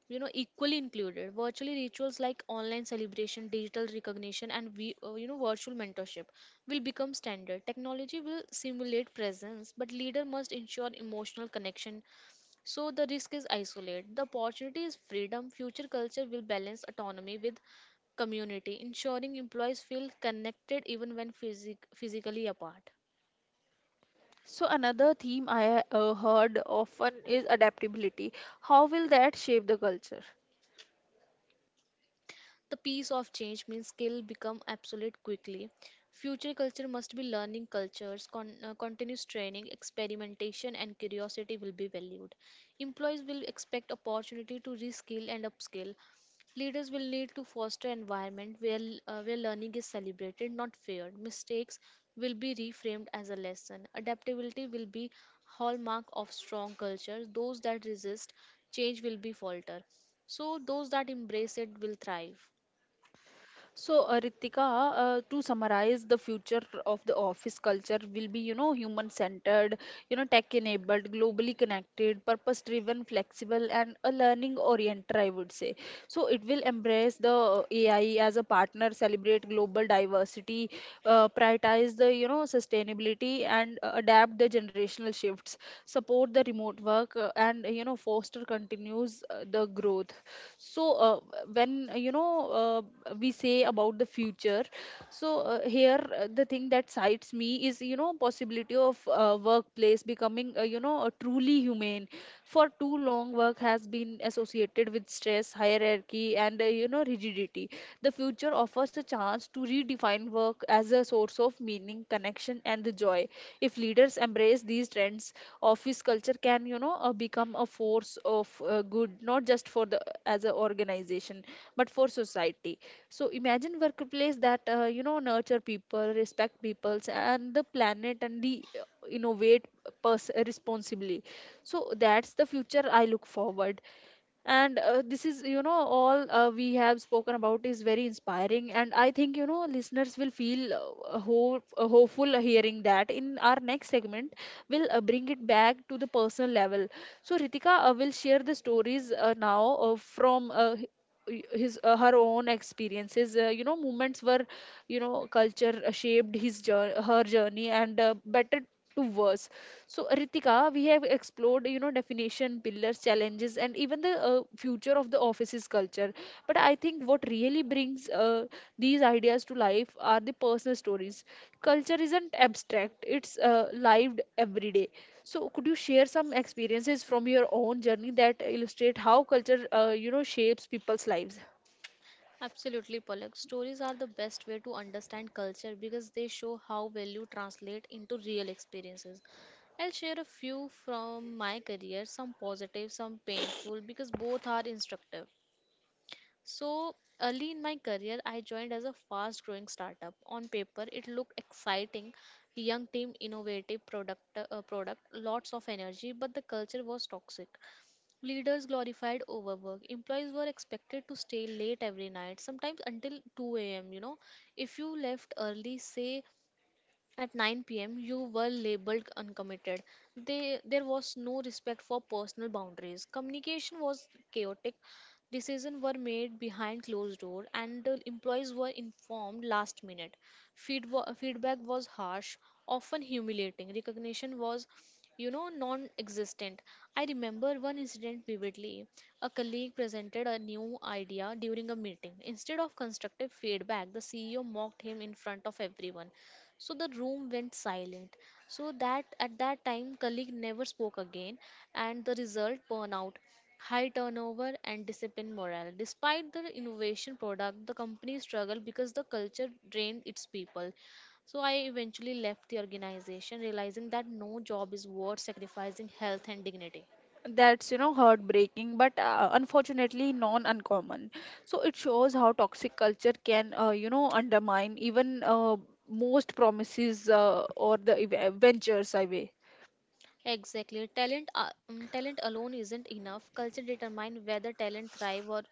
Speaker 2: you know, equally included. Virtually rituals like online celebration, digital recognition, and virtual mentorship will become standard. Technology will simulate presence, but leader must ensure emotional connection so the risk is isolate. The opportunity is freedom. Future culture will balance autonomy with community, ensuring employees feel connected even when physically apart.
Speaker 1: So, another theme I heard often is adaptability. How will that shape the culture?
Speaker 2: The piece of change means skill become obsolete quickly. Future culture must be learning cultures, continuous training, experimentation, and curiosity will be valued. Employees will expect opportunity to reskill and upskill. Leaders will need to foster environment where learning is celebrated, not feared. Mistakes will be reframed as a lesson. Adaptability will be hallmark of strong culture. Those that resist change will be falter. So those that embrace it will thrive.
Speaker 1: So, Ritika, to summarize, the future of the office culture will be, human centered, tech enabled, globally connected, purpose driven, flexible, and a learning oriented, I would say. So, it will embrace the AI as a partner, celebrate global diversity, prioritize the, sustainability, and adapt the generational shifts, support the remote work, and foster continues the growth. So uh, when you know uh, we say about the future. So here the thing that excites me is you know possibility of workplace becoming truly humane. For too long work has been associated with stress, hierarchy, and rigidity. The future offers a chance to redefine work as a source of meaning, connection, and the joy. If leaders embrace these trends, office culture can, become a force of good, not just for the as an organization, but for society. So imagine workplace that nurture people, respect peoples, and the planet, and the innovate responsibly. So that's the future I look forward. And this is all we have spoken about is very inspiring, and I think listeners will feel hopeful hearing that. In our next segment, we'll bring it back to the personal level. So Ritika will share the stories now from h- y- his her own experiences, moments where culture shaped her journey, and better to worse. So, Ritika, we have explored, definition, pillars, challenges, and even the future of the office's culture. But I think what really brings these ideas to life are the personal stories. Culture isn't abstract; it's lived every day. So, could you share some experiences from your own journey that illustrate how culture, shapes people's lives?
Speaker 2: Absolutely, Palak. Stories are the best way to understand culture because they show how value translate into real experiences. I'll share a few from my career, some positive, some painful, because both are instructive. So, early in my career, I joined as a fast growing startup. On paper, it looked exciting young team, innovative product, lots of energy, but the culture was toxic. Leaders glorified overwork. Employees were expected to stay late every night, sometimes until 2 a.m. You know, if you left early, say at 9 p.m., you were labeled uncommitted. There was no respect for personal boundaries. Communication was chaotic. Decisions were made behind closed door, and the employees were informed last minute. Feedback was harsh, often humiliating. Recognition was you know non existent. I remember one incident vividly. A colleague presented a new idea during a meeting. Instead of constructive feedback, the CEO mocked him in front of everyone. So the room went silent. So that at that time, colleague never spoke again, and the result burnout, high turnover, and disciplined morale. Despite the innovation product, the company struggled because the culture drained its people. So I eventually left the organization, realizing that no job is worth sacrificing health and dignity.
Speaker 1: That's heartbreaking, but unfortunately non uncommon. So it shows how toxic culture can undermine even most promises or the ventures, I way.
Speaker 2: Exactly, talent alone isn't enough. Culture determines whether talent thrive or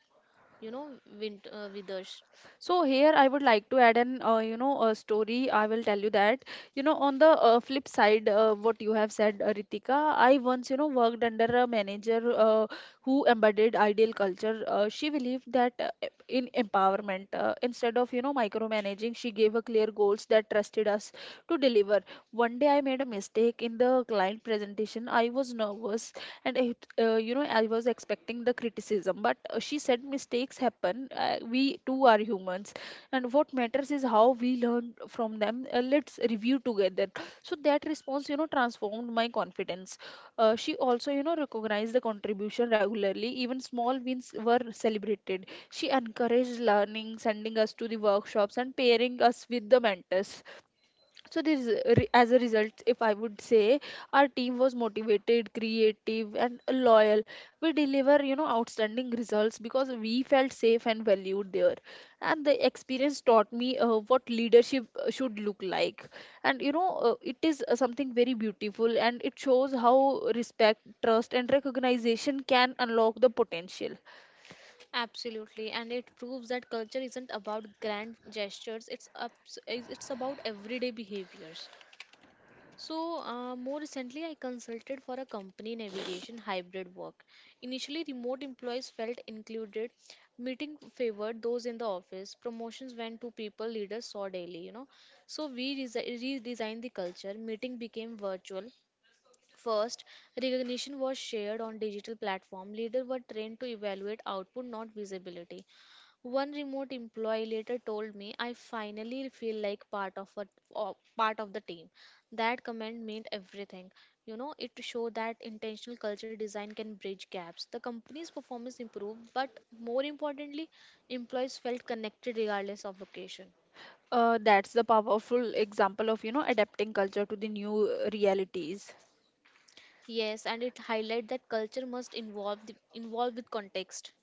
Speaker 2: you know withers.
Speaker 1: So here I would like to add an you know a story. I will tell you that on the flip side, what you have said, Ritika. I once worked under a manager who embodied ideal culture. She believed in empowerment. Instead of micromanaging, she gave a clear goals that trusted us to deliver. One day I made a mistake in the client presentation. I was nervous, and it, I was expecting the criticism, but she said, mistakes happen, we too are humans, and what matters is how we learn from them. Let's review together. So that response, transformed my confidence. She also recognized the contribution regularly. Even small wins were celebrated. She encouraged learning, sending us to the workshops and pairing us with the mentors. So there is a re- as a result, if I would say, our team was motivated, creative, and loyal. We deliver outstanding results because we felt safe and valued there. And the experience taught me what leadership should look like. And it is something very beautiful, and it shows how respect, trust, and recognition can unlock the potential.
Speaker 2: Absolutely, and it proves that culture isn't about grand gestures. It's about everyday behaviors. So, more recently, I consulted for a company navigation hybrid work. Initially, remote employees felt included. Meeting favored those in the office. Promotions went to people leaders saw daily. You know, so we redesigned the culture. Meeting became virtual. First, recognition was shared on digital platform. Leaders were trained to evaluate output, not visibility. One remote employee later told me, "I finally feel like part of the team." That comment meant everything. You know, it showed that intentional culture design can bridge gaps. The company's performance improved, but more importantly, employees felt connected regardless of location.
Speaker 1: That's the powerful example of adapting culture to the new realities.
Speaker 2: Yes, and it highlight that culture must involve with context.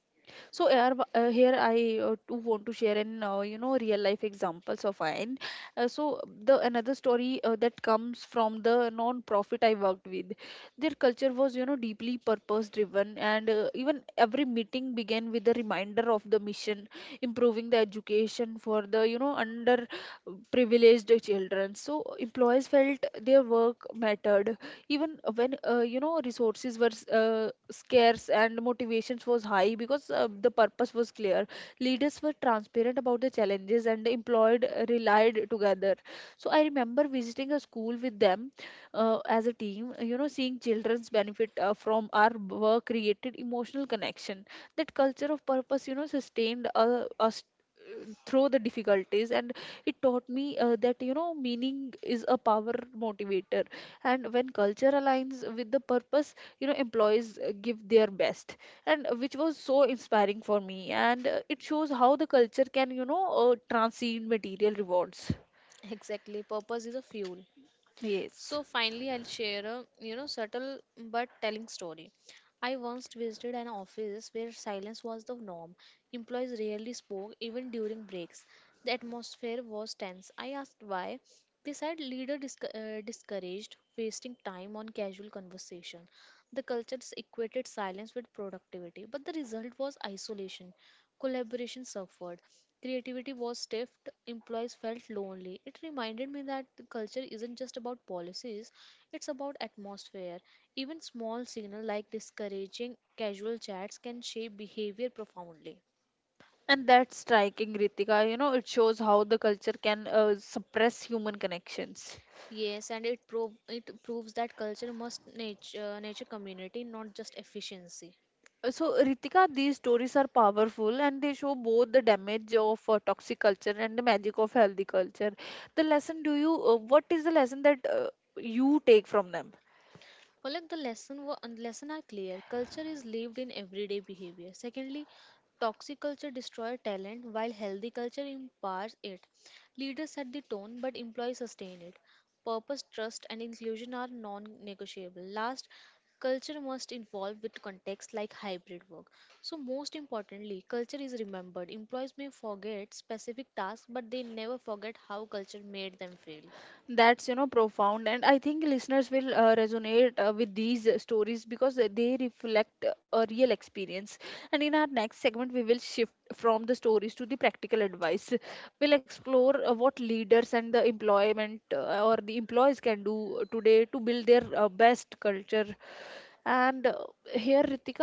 Speaker 1: So here, here I too want to share an real life examples of mine. So the another story that comes from the non-profit I worked with. Their culture was deeply purpose driven, and even every meeting began with a reminder of the mission, improving the education for the underprivileged children. So employees felt their work mattered even when resources were scarce, and motivations was high because the purpose was clear. Leaders were transparent about the challenges, and employed relied together. So I remember visiting a school with them as a team. Seeing children's benefit from our work created emotional connection. That culture of purpose, sustained us through the difficulties. And it taught me that meaning is a power motivator, and when culture aligns with the purpose, employees give their best. And which was so inspiring for me. And it shows how the culture can transcend material rewards.
Speaker 2: Exactly, purpose is a fuel.
Speaker 1: Yes.
Speaker 2: So finally, I'll share a you know subtle but telling story. I once visited an office where silence was the norm. Employees rarely spoke even during breaks. The atmosphere was tense. I asked why. They said leader discouraged wasting time on casual conversation. The culture equated silence with productivity, but the result was isolation. Collaboration suffered. Creativity was stifled, employees felt lonely. It reminded me that the culture isn't just about policies, it's about atmosphere. Even small signals like discouraging casual chats can shape behavior profoundly.
Speaker 1: And that's striking, Ritika. It shows how the culture can suppress human connections.
Speaker 2: Yes, and it proves that culture must nature community, not just efficiency.
Speaker 1: So Ritika, these stories are powerful, and they show both the damage of toxic culture and the magic of healthy culture. The lesson, do you what is the lesson that you take from them?
Speaker 2: Palak, the lesson wa- and lesson are clear. Culture is lived in everyday behavior. Secondly, toxic culture destroys talent while healthy culture empowers it. Leaders set the tone, but employees sustain it. Purpose, trust, and inclusion are non-negotiable. Last, culture must evolve with context like hybrid work. So, most importantly, culture is remembered. Employees may forget specific tasks, but they never forget how culture made them feel.
Speaker 1: That's, profound. And I think listeners will resonate with these stories because they reflect a real experience. And in our next segment, we will shift from the stories to the practical advice. We'll explore what leaders and the employment or the employees can do today to build their best culture. And Here, Ritika,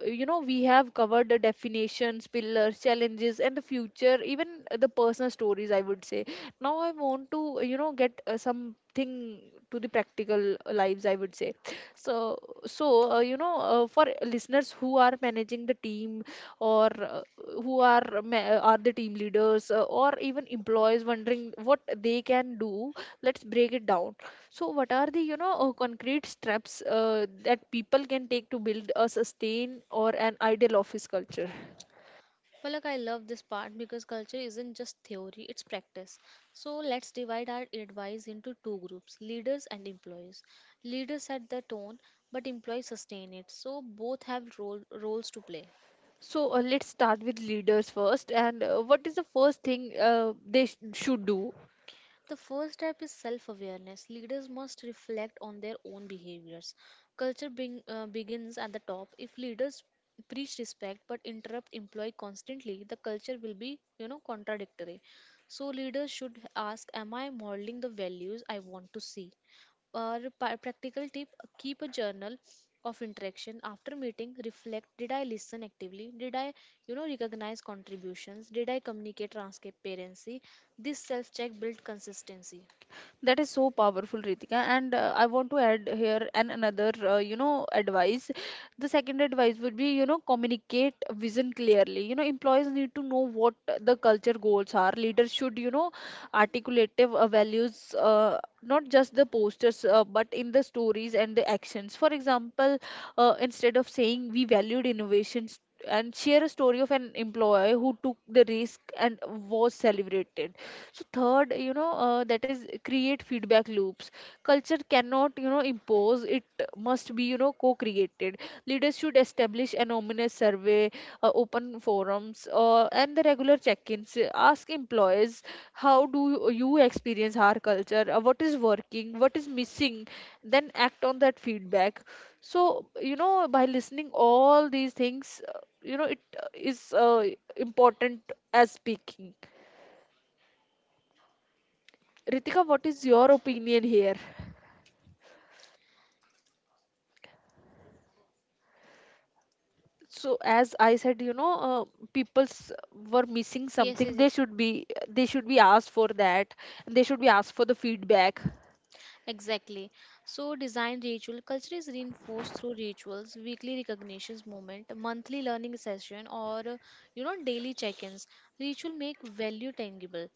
Speaker 1: we have covered the definitions, pillars, challenges, and the future, even the personal stories, I would say now I want to get something to the practical lives, I would say. So so uh, you know uh, for listeners who are managing the team or are the team leaders or even employees wondering what they can do, let's break it down. So what are the concrete steps that people can take to build a sustain or an ideal office culture?
Speaker 2: Palak, I love this part because culture isn't just theory, it's practice. So let's divide our advice into two groups leaders and employees. Leaders set the tone, but employees sustain it. So both have roles to play.
Speaker 1: So let's start with leaders first. And what is the first thing they should do?
Speaker 2: The first step is self awareness. Leaders must reflect on their own behaviors. Culture begins at the top. If leaders preach respect but interrupt employee constantly, the culture will be, you know, contradictory. So leaders should ask, am I modeling the values I want to see? Or practical tip, keep a journal of interaction. After meeting reflect, did I listen actively? Did I you know recognize contributions? Did I communicate transparency? This self check builds consistency.
Speaker 1: That is so powerful, Ritika. And I want to add here an another, advice. The second advice would be, you know, communicate vision clearly. You know, employees need to know what the culture goals are. Leaders should, you know, articulate values, not just the posters, but in the stories and the actions. For example, instead of saying we valued innovations and share a story of an employee who took the risk and was celebrated. So third, that is create feedback loops. Culture cannot, you know, impose it, must be, you know, co-created. Leaders should establish anonymous survey, open forums, and the regular check-ins. Ask employees, how do you experience our culture? What is working, what is missing? Then act on that feedback. So, you know, by listening all these things, you know it is important as speaking. Ritika, what is your opinion here? So, as I said, you know, people's were missing
Speaker 2: Yes, yes,
Speaker 1: something.
Speaker 2: yes.
Speaker 1: They should be asked for that, and they should be asked for the feedback.
Speaker 2: Exactly. So, design ritual culture is reinforced through rituals, weekly recognitions moment, monthly learning session, or you know daily check-ins. Ritual make value tangible.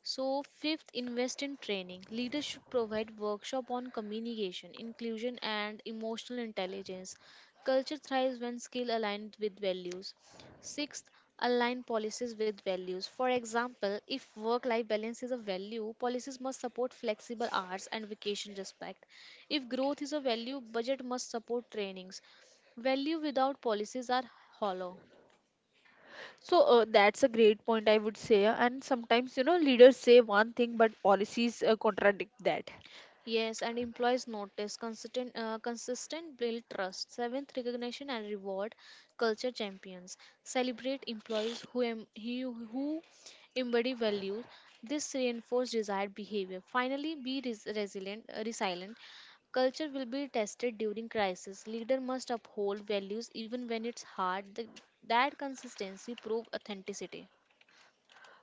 Speaker 2: So, fifth, invest in training. Leaders should provide workshop on communication, inclusion, and emotional intelligence. Culture thrives when skill aligned with values. Sixth, align policies with values. For example, if work-life balance is a value, policies must support flexible hours and vacation respect. If growth is a value, budget must support trainings. Value without policies are hollow.
Speaker 1: So that's a great point, I would say. And sometimes, you know, leaders say one thing, but policies contradict that.
Speaker 2: Yes, and employees notice consistent build trust. Seventh, recognition and reward culture champions. Celebrate employees who embody values. This reinforces desired behavior. Finally, be resilient. Culture will be tested during crisis. Leader must uphold values even when it's hard. That consistency prove authenticity.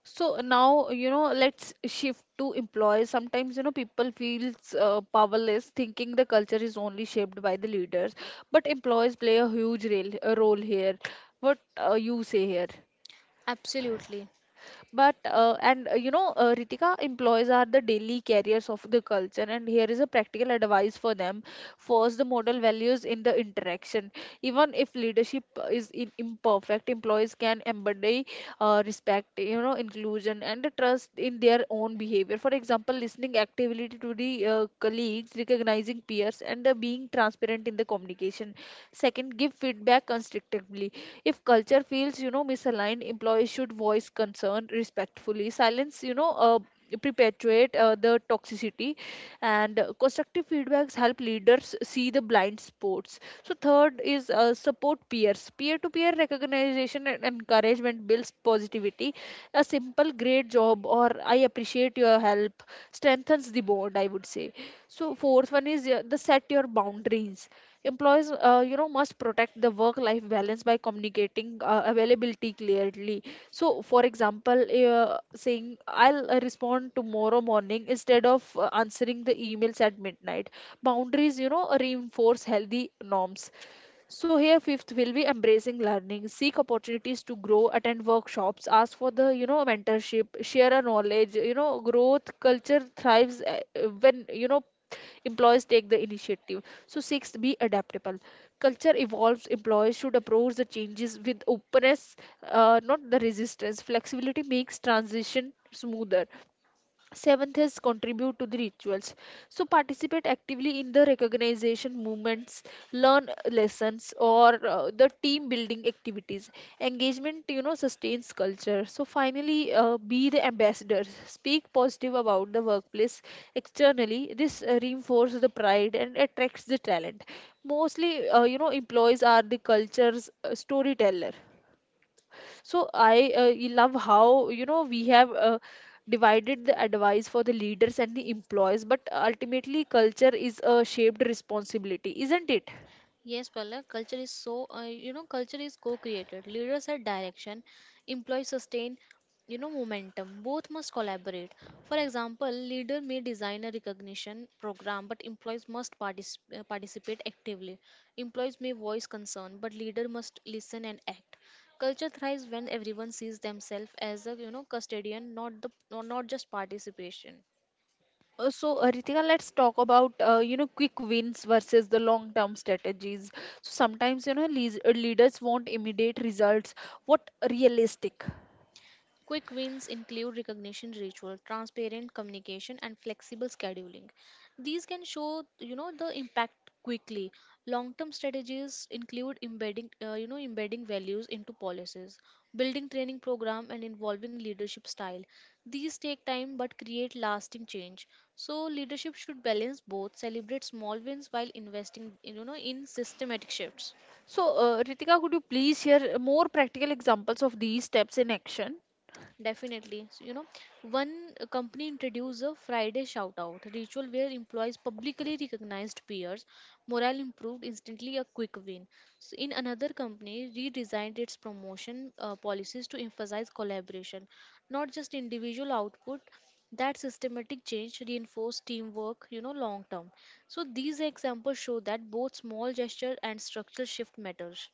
Speaker 1: So now, you know, let's shift to employees. Sometimes, you know, people feels powerless, thinking the culture is only shaped by the leaders. But employees play a huge role, a role here. What you say here?
Speaker 2: Absolutely.
Speaker 1: But and you know Ritika, employees are the daily carriers of the culture, and here is a practical advice for them. First, the model values in the interaction. Even if leadership is in imperfect, employees can embody respect, you know, inclusion, and the trust in their own behavior. For example, listening actively to the colleagues, recognizing peers, and being transparent in the communication. Second, give feedback constructively. If culture feels, you know, misaligned, employees should voice concern respectfully. Silence, perpetuate the toxicity, and constructive feedbacks help leaders see the blind spots. So third is support peers. Peer to peer recognition and encouragement builds positivity. A simple great job or I appreciate your help strengthens the bond, I would say. So fourth one is the set your boundaries. Employees must protect the work life balance by communicating availability clearly. So for example, saying I'll respond tomorrow morning instead of answering the emails at midnight. Boundaries, you know, reinforce healthy norms. So here fifth will be embracing learning, seek opportunities to grow, attend workshops, ask for the, you know, mentorship, share a knowledge, you know, growth culture thrives when, you know, employees take the initiative. So sixth, be adaptable. Culture evolves, employees should approach the changes with openness, not the resistance. Flexibility makes transition smoother. Seventh is contribute to the rituals. So participate actively in the recognition movements, learn lessons, or the team building activities. Engagement, you know, sustains culture. So finally, be the ambassadors. Speak positive about the workplace externally. This reinforces the pride and attracts the talent. Mostly, employees are the culture's storyteller. So I love how, you know, we have divided the advice for the leaders and the employees, but ultimately culture is a shaped responsibility, isn't it?
Speaker 2: Yes, Palak, culture is so, you know, culture is co created. Leaders set direction, employees sustain, you know, momentum. Both must collaborate. For example, leader may design a recognition program, but employees must participate actively. Employees may voice concern, but leader must listen and act. Culture thrives when everyone sees themselves as a, you know, custodian, not the, not not just participation.
Speaker 1: So Ritika, let's talk about quick wins versus the long term strategies. So sometimes, you know, leaders want immediate results. What realistic?
Speaker 2: Quick wins include recognition ritual, transparent communication, and flexible scheduling. These can show, you know, the impact quickly. Long-term strategies include embedding values into policies, building training program, and involving leadership style. These take time but create lasting change. So leadership should balance both, celebrate small wins while investing, you know, in systematic shifts.
Speaker 1: So Ritika, could you please share more practical examples of these steps in action?
Speaker 2: Definitely. So, you know, one company introduced a Friday shout out ritual where employees publicly recognized peers. Morale improved instantly, a quick win. So, in another company, redesigned its promotion policies to emphasize collaboration, not just individual output. That systematic change reinforced teamwork, you know, long term. So, these examples show that both small gesture and structural shift matters.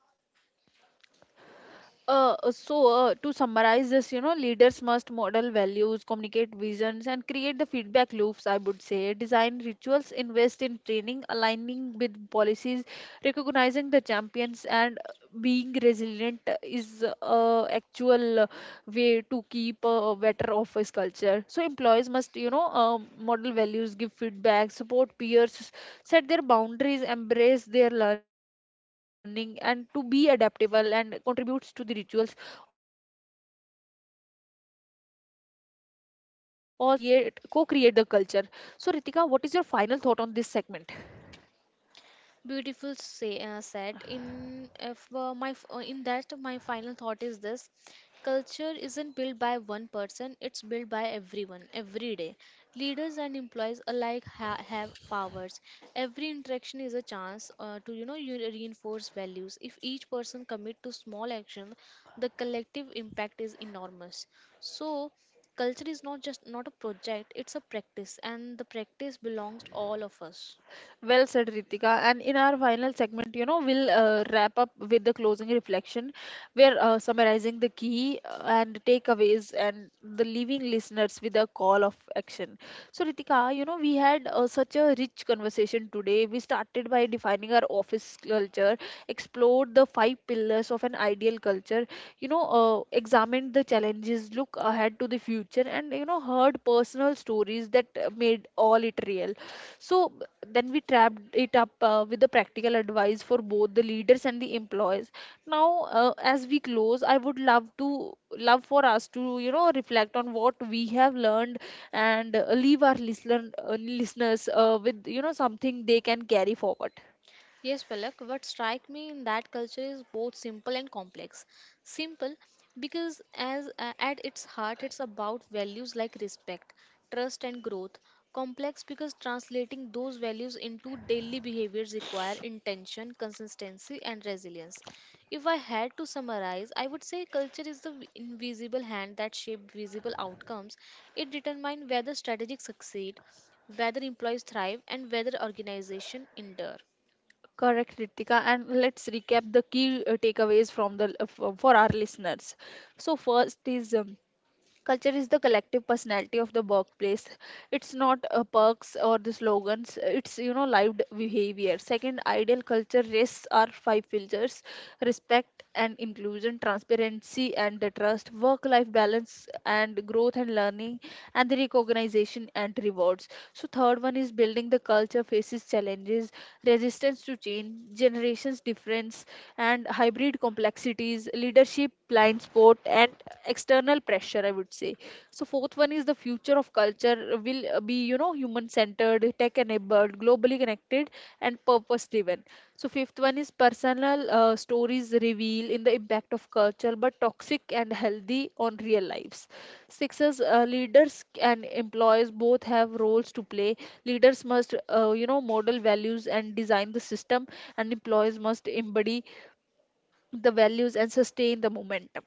Speaker 1: To summarize this, you know, leaders must model values, communicate visions, and create the feedback loops, I would say. Design rituals, invest in training, aligning with policies, recognizing the champions, and being resilient is actual way to keep a better office culture. So, employees must, you know, model values, give feedback, support peers, set their boundaries, embrace their learning, and to be adaptable and contributes to the rituals. Also we need to act as an ambassador. So together they can, you know, create co-create the culture. So Ritika, what is your final thought on this segment?
Speaker 2: Beautiful say said. In if my f- in that my final thought is this: culture isn't built by one person; it's built by everyone, every day. Leaders and employees alike have powers. Every interaction is a chance to you know you reinforce values. If each person commit to small action, the collective impact is enormous. So culture is not a project; it's a practice, and the practice belongs to all of us.
Speaker 1: Well said, Ritika. And in our final segment, you know, we'll wrap up with the closing reflection. We're summarizing the key and takeaways and the leaving listeners with a call of action. So, Ritika, you know, we had such a rich conversation today. We started by defining our office culture, explored the five pillars of an ideal culture, examined the challenges, look ahead to the future, and, you know, heard personal stories that made all it real. So then we trapped it up with the practical advice for both the leaders and the employees. Now, as we close, I would love to love for us to, you know, reflect on what we have learned and leave our listeners with, you know, something they can carry forward.
Speaker 2: Yes, Palak, what strike me in that culture is both simple and complex. Simple because as at its heart it's about values like respect, trust and growth. Complex because translating those values into daily behaviors require intention, consistency and resilience. If I had to summarize, I would say culture is the invisible hand that shapes visible outcomes. It determines whether strategies succeed, whether employees thrive and whether organization endure.
Speaker 1: Correct, Ritika. And let's recap the key takeaways from the for our listeners. So first is culture is the collective personality of the workplace. It's not perks or the slogans. It's, you know, lived behavior. Second, ideal culture rests are five pillars: respect and inclusion, transparency and the trust, work-life balance and growth and learning, and the recognition and rewards. So third one is building the culture faces challenges, resistance to change, generations difference, and hybrid complexities, leadership, blind spot, and external pressure, I would say. So, fourth one is the future of culture will be, you know, human centered, tech enabled, globally connected, and purpose driven. So, fifth one is personal stories reveal in the impact of culture, but toxic and healthy on real lives. Sixth is leaders and employees both have roles to play. Leaders must, model values and design the system, and employees must embody the values and sustain the momentum.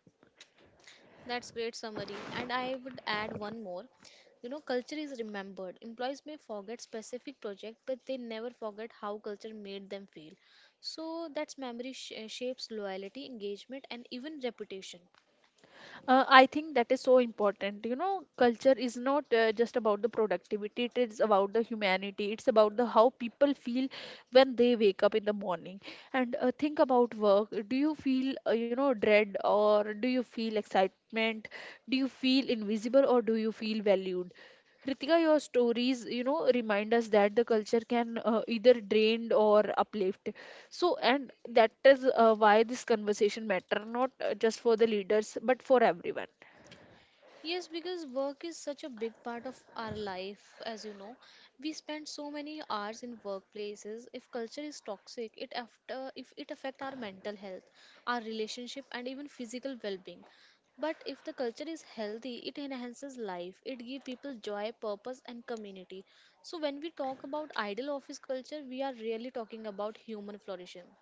Speaker 2: That's great summary. And I would add one more. You know, culture is remembered. Employees may forget specific project, but they never forget how culture made them feel. So that's memory shapes loyalty, engagement, and even reputation.
Speaker 1: I think that is so important. You know, culture is not just about the productivity, it is about the humanity. It's about the how people feel when they wake up in the morning. And think about work. Do you feel, dread or do you feel excitement? Do you feel invisible or do you feel valued? Ritika, your stories, you know, remind us that the culture can either drain or uplift. So, and that is why this conversation matter, not just for the leaders but for everyone.
Speaker 2: Yes, because work is such a big part of our life, as you know. We spend so many hours in workplaces. If culture is toxic, it after if it affect our mental health, our relationship, and even physical well-being. But if the culture is healthy, it enhances life. It gives people joy, purpose, and community. So when we talk about ideal office culture, we are really talking about human flourishing.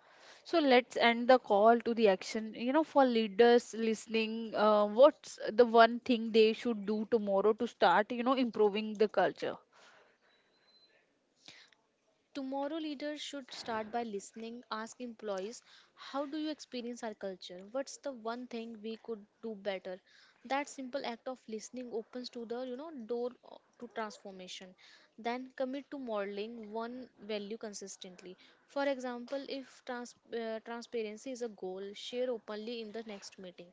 Speaker 1: So, let's end the call to the action. You know, for leaders listening, what's the one thing they should do tomorrow to start, you know, improving the culture?
Speaker 2: Tomorrow leaders should start by listening. Ask employees, how do you experience our culture? What's the one thing we could do better? That simple act of listening opens to the you know door to transformation. Then commit to modeling one value consistently. For example, if transparency is a goal, share openly in the next meeting.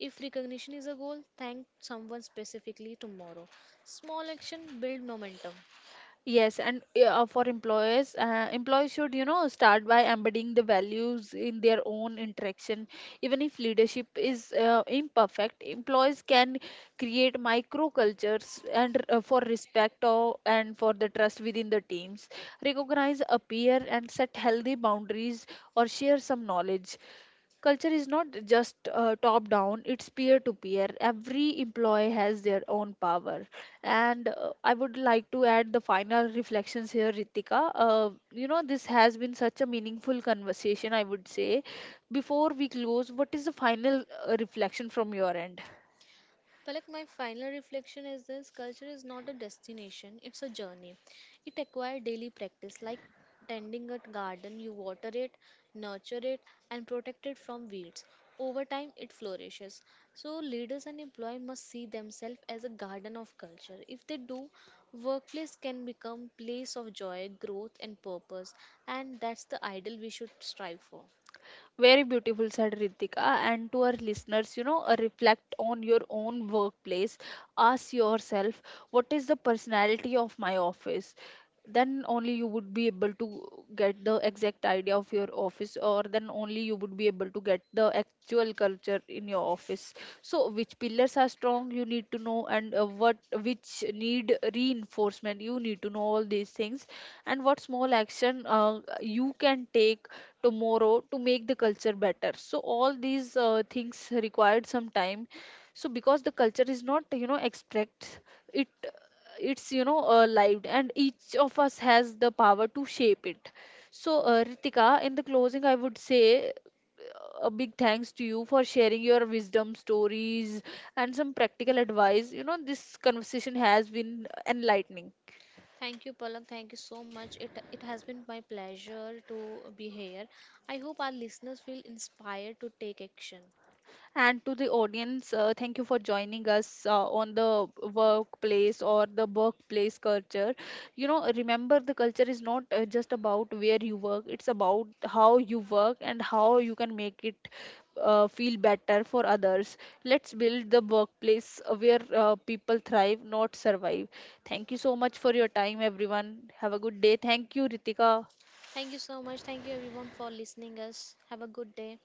Speaker 2: If recognition is a goal, thank someone specifically tomorrow. Small action build momentum.
Speaker 1: Yes, and yeah, for employers, employees should, you know, start by embedding the values in their own interaction. Even if leadership is imperfect, employees can create micro cultures and for respect or, and for the trust within the teams. Recognize, appear, and set healthy boundaries or share some knowledge. Culture is not just top down, it's peer to peer. Every employee has their own power. And I would like to add the final reflections here, Ritika. You know, this has been such a meaningful conversation, I would say. Before we close, what is the final reflection from your end?
Speaker 2: Palak, my final reflection is this culture is not a destination, it's a journey. It requires daily practice, like tending a garden, you water it, nurture it, and protect it from weeds. Over time, it flourishes. So, leaders and employees must see themselves as a garden of culture. If they do, workplace can become place of joy, growth, and purpose, and that's the ideal we should strive for.
Speaker 1: Very beautiful, said Ritika. And to our listeners, you know, reflect on your own workplace. Ask yourself, what is the personality of my office? Then only you would be able to get the exact idea of your office, or then only you would be able to get the actual culture in your office. So, which pillars are strong, you need to know, and what which need reinforcement, you need to know all these things, and what small action you can take tomorrow to make the culture better. So all these things required some time. So because the culture is not, you know, abstract, it it's, you know, lived, and each of us has the power to shape it. So Ritika, in the closing I would say a big thanks to you for sharing your wisdom stories and some practical advice. You know, this conversation has been enlightening.
Speaker 2: Thank you, Palak. Thank you so much. It has been my pleasure to be here. I hope our listeners feel inspired to take action.
Speaker 1: And to the audience, thank you for joining us on the workplace or the workplace culture. You know, remember the culture is not just about where you work, it's about how you work and how you can make it feel better for others. Let's build the workplace where people thrive, not survive. Thank you so much for your time, everyone. Have a good day. Thank you, Ritika,
Speaker 2: Thank you so much. Thank you everyone for listening us. Have a good day.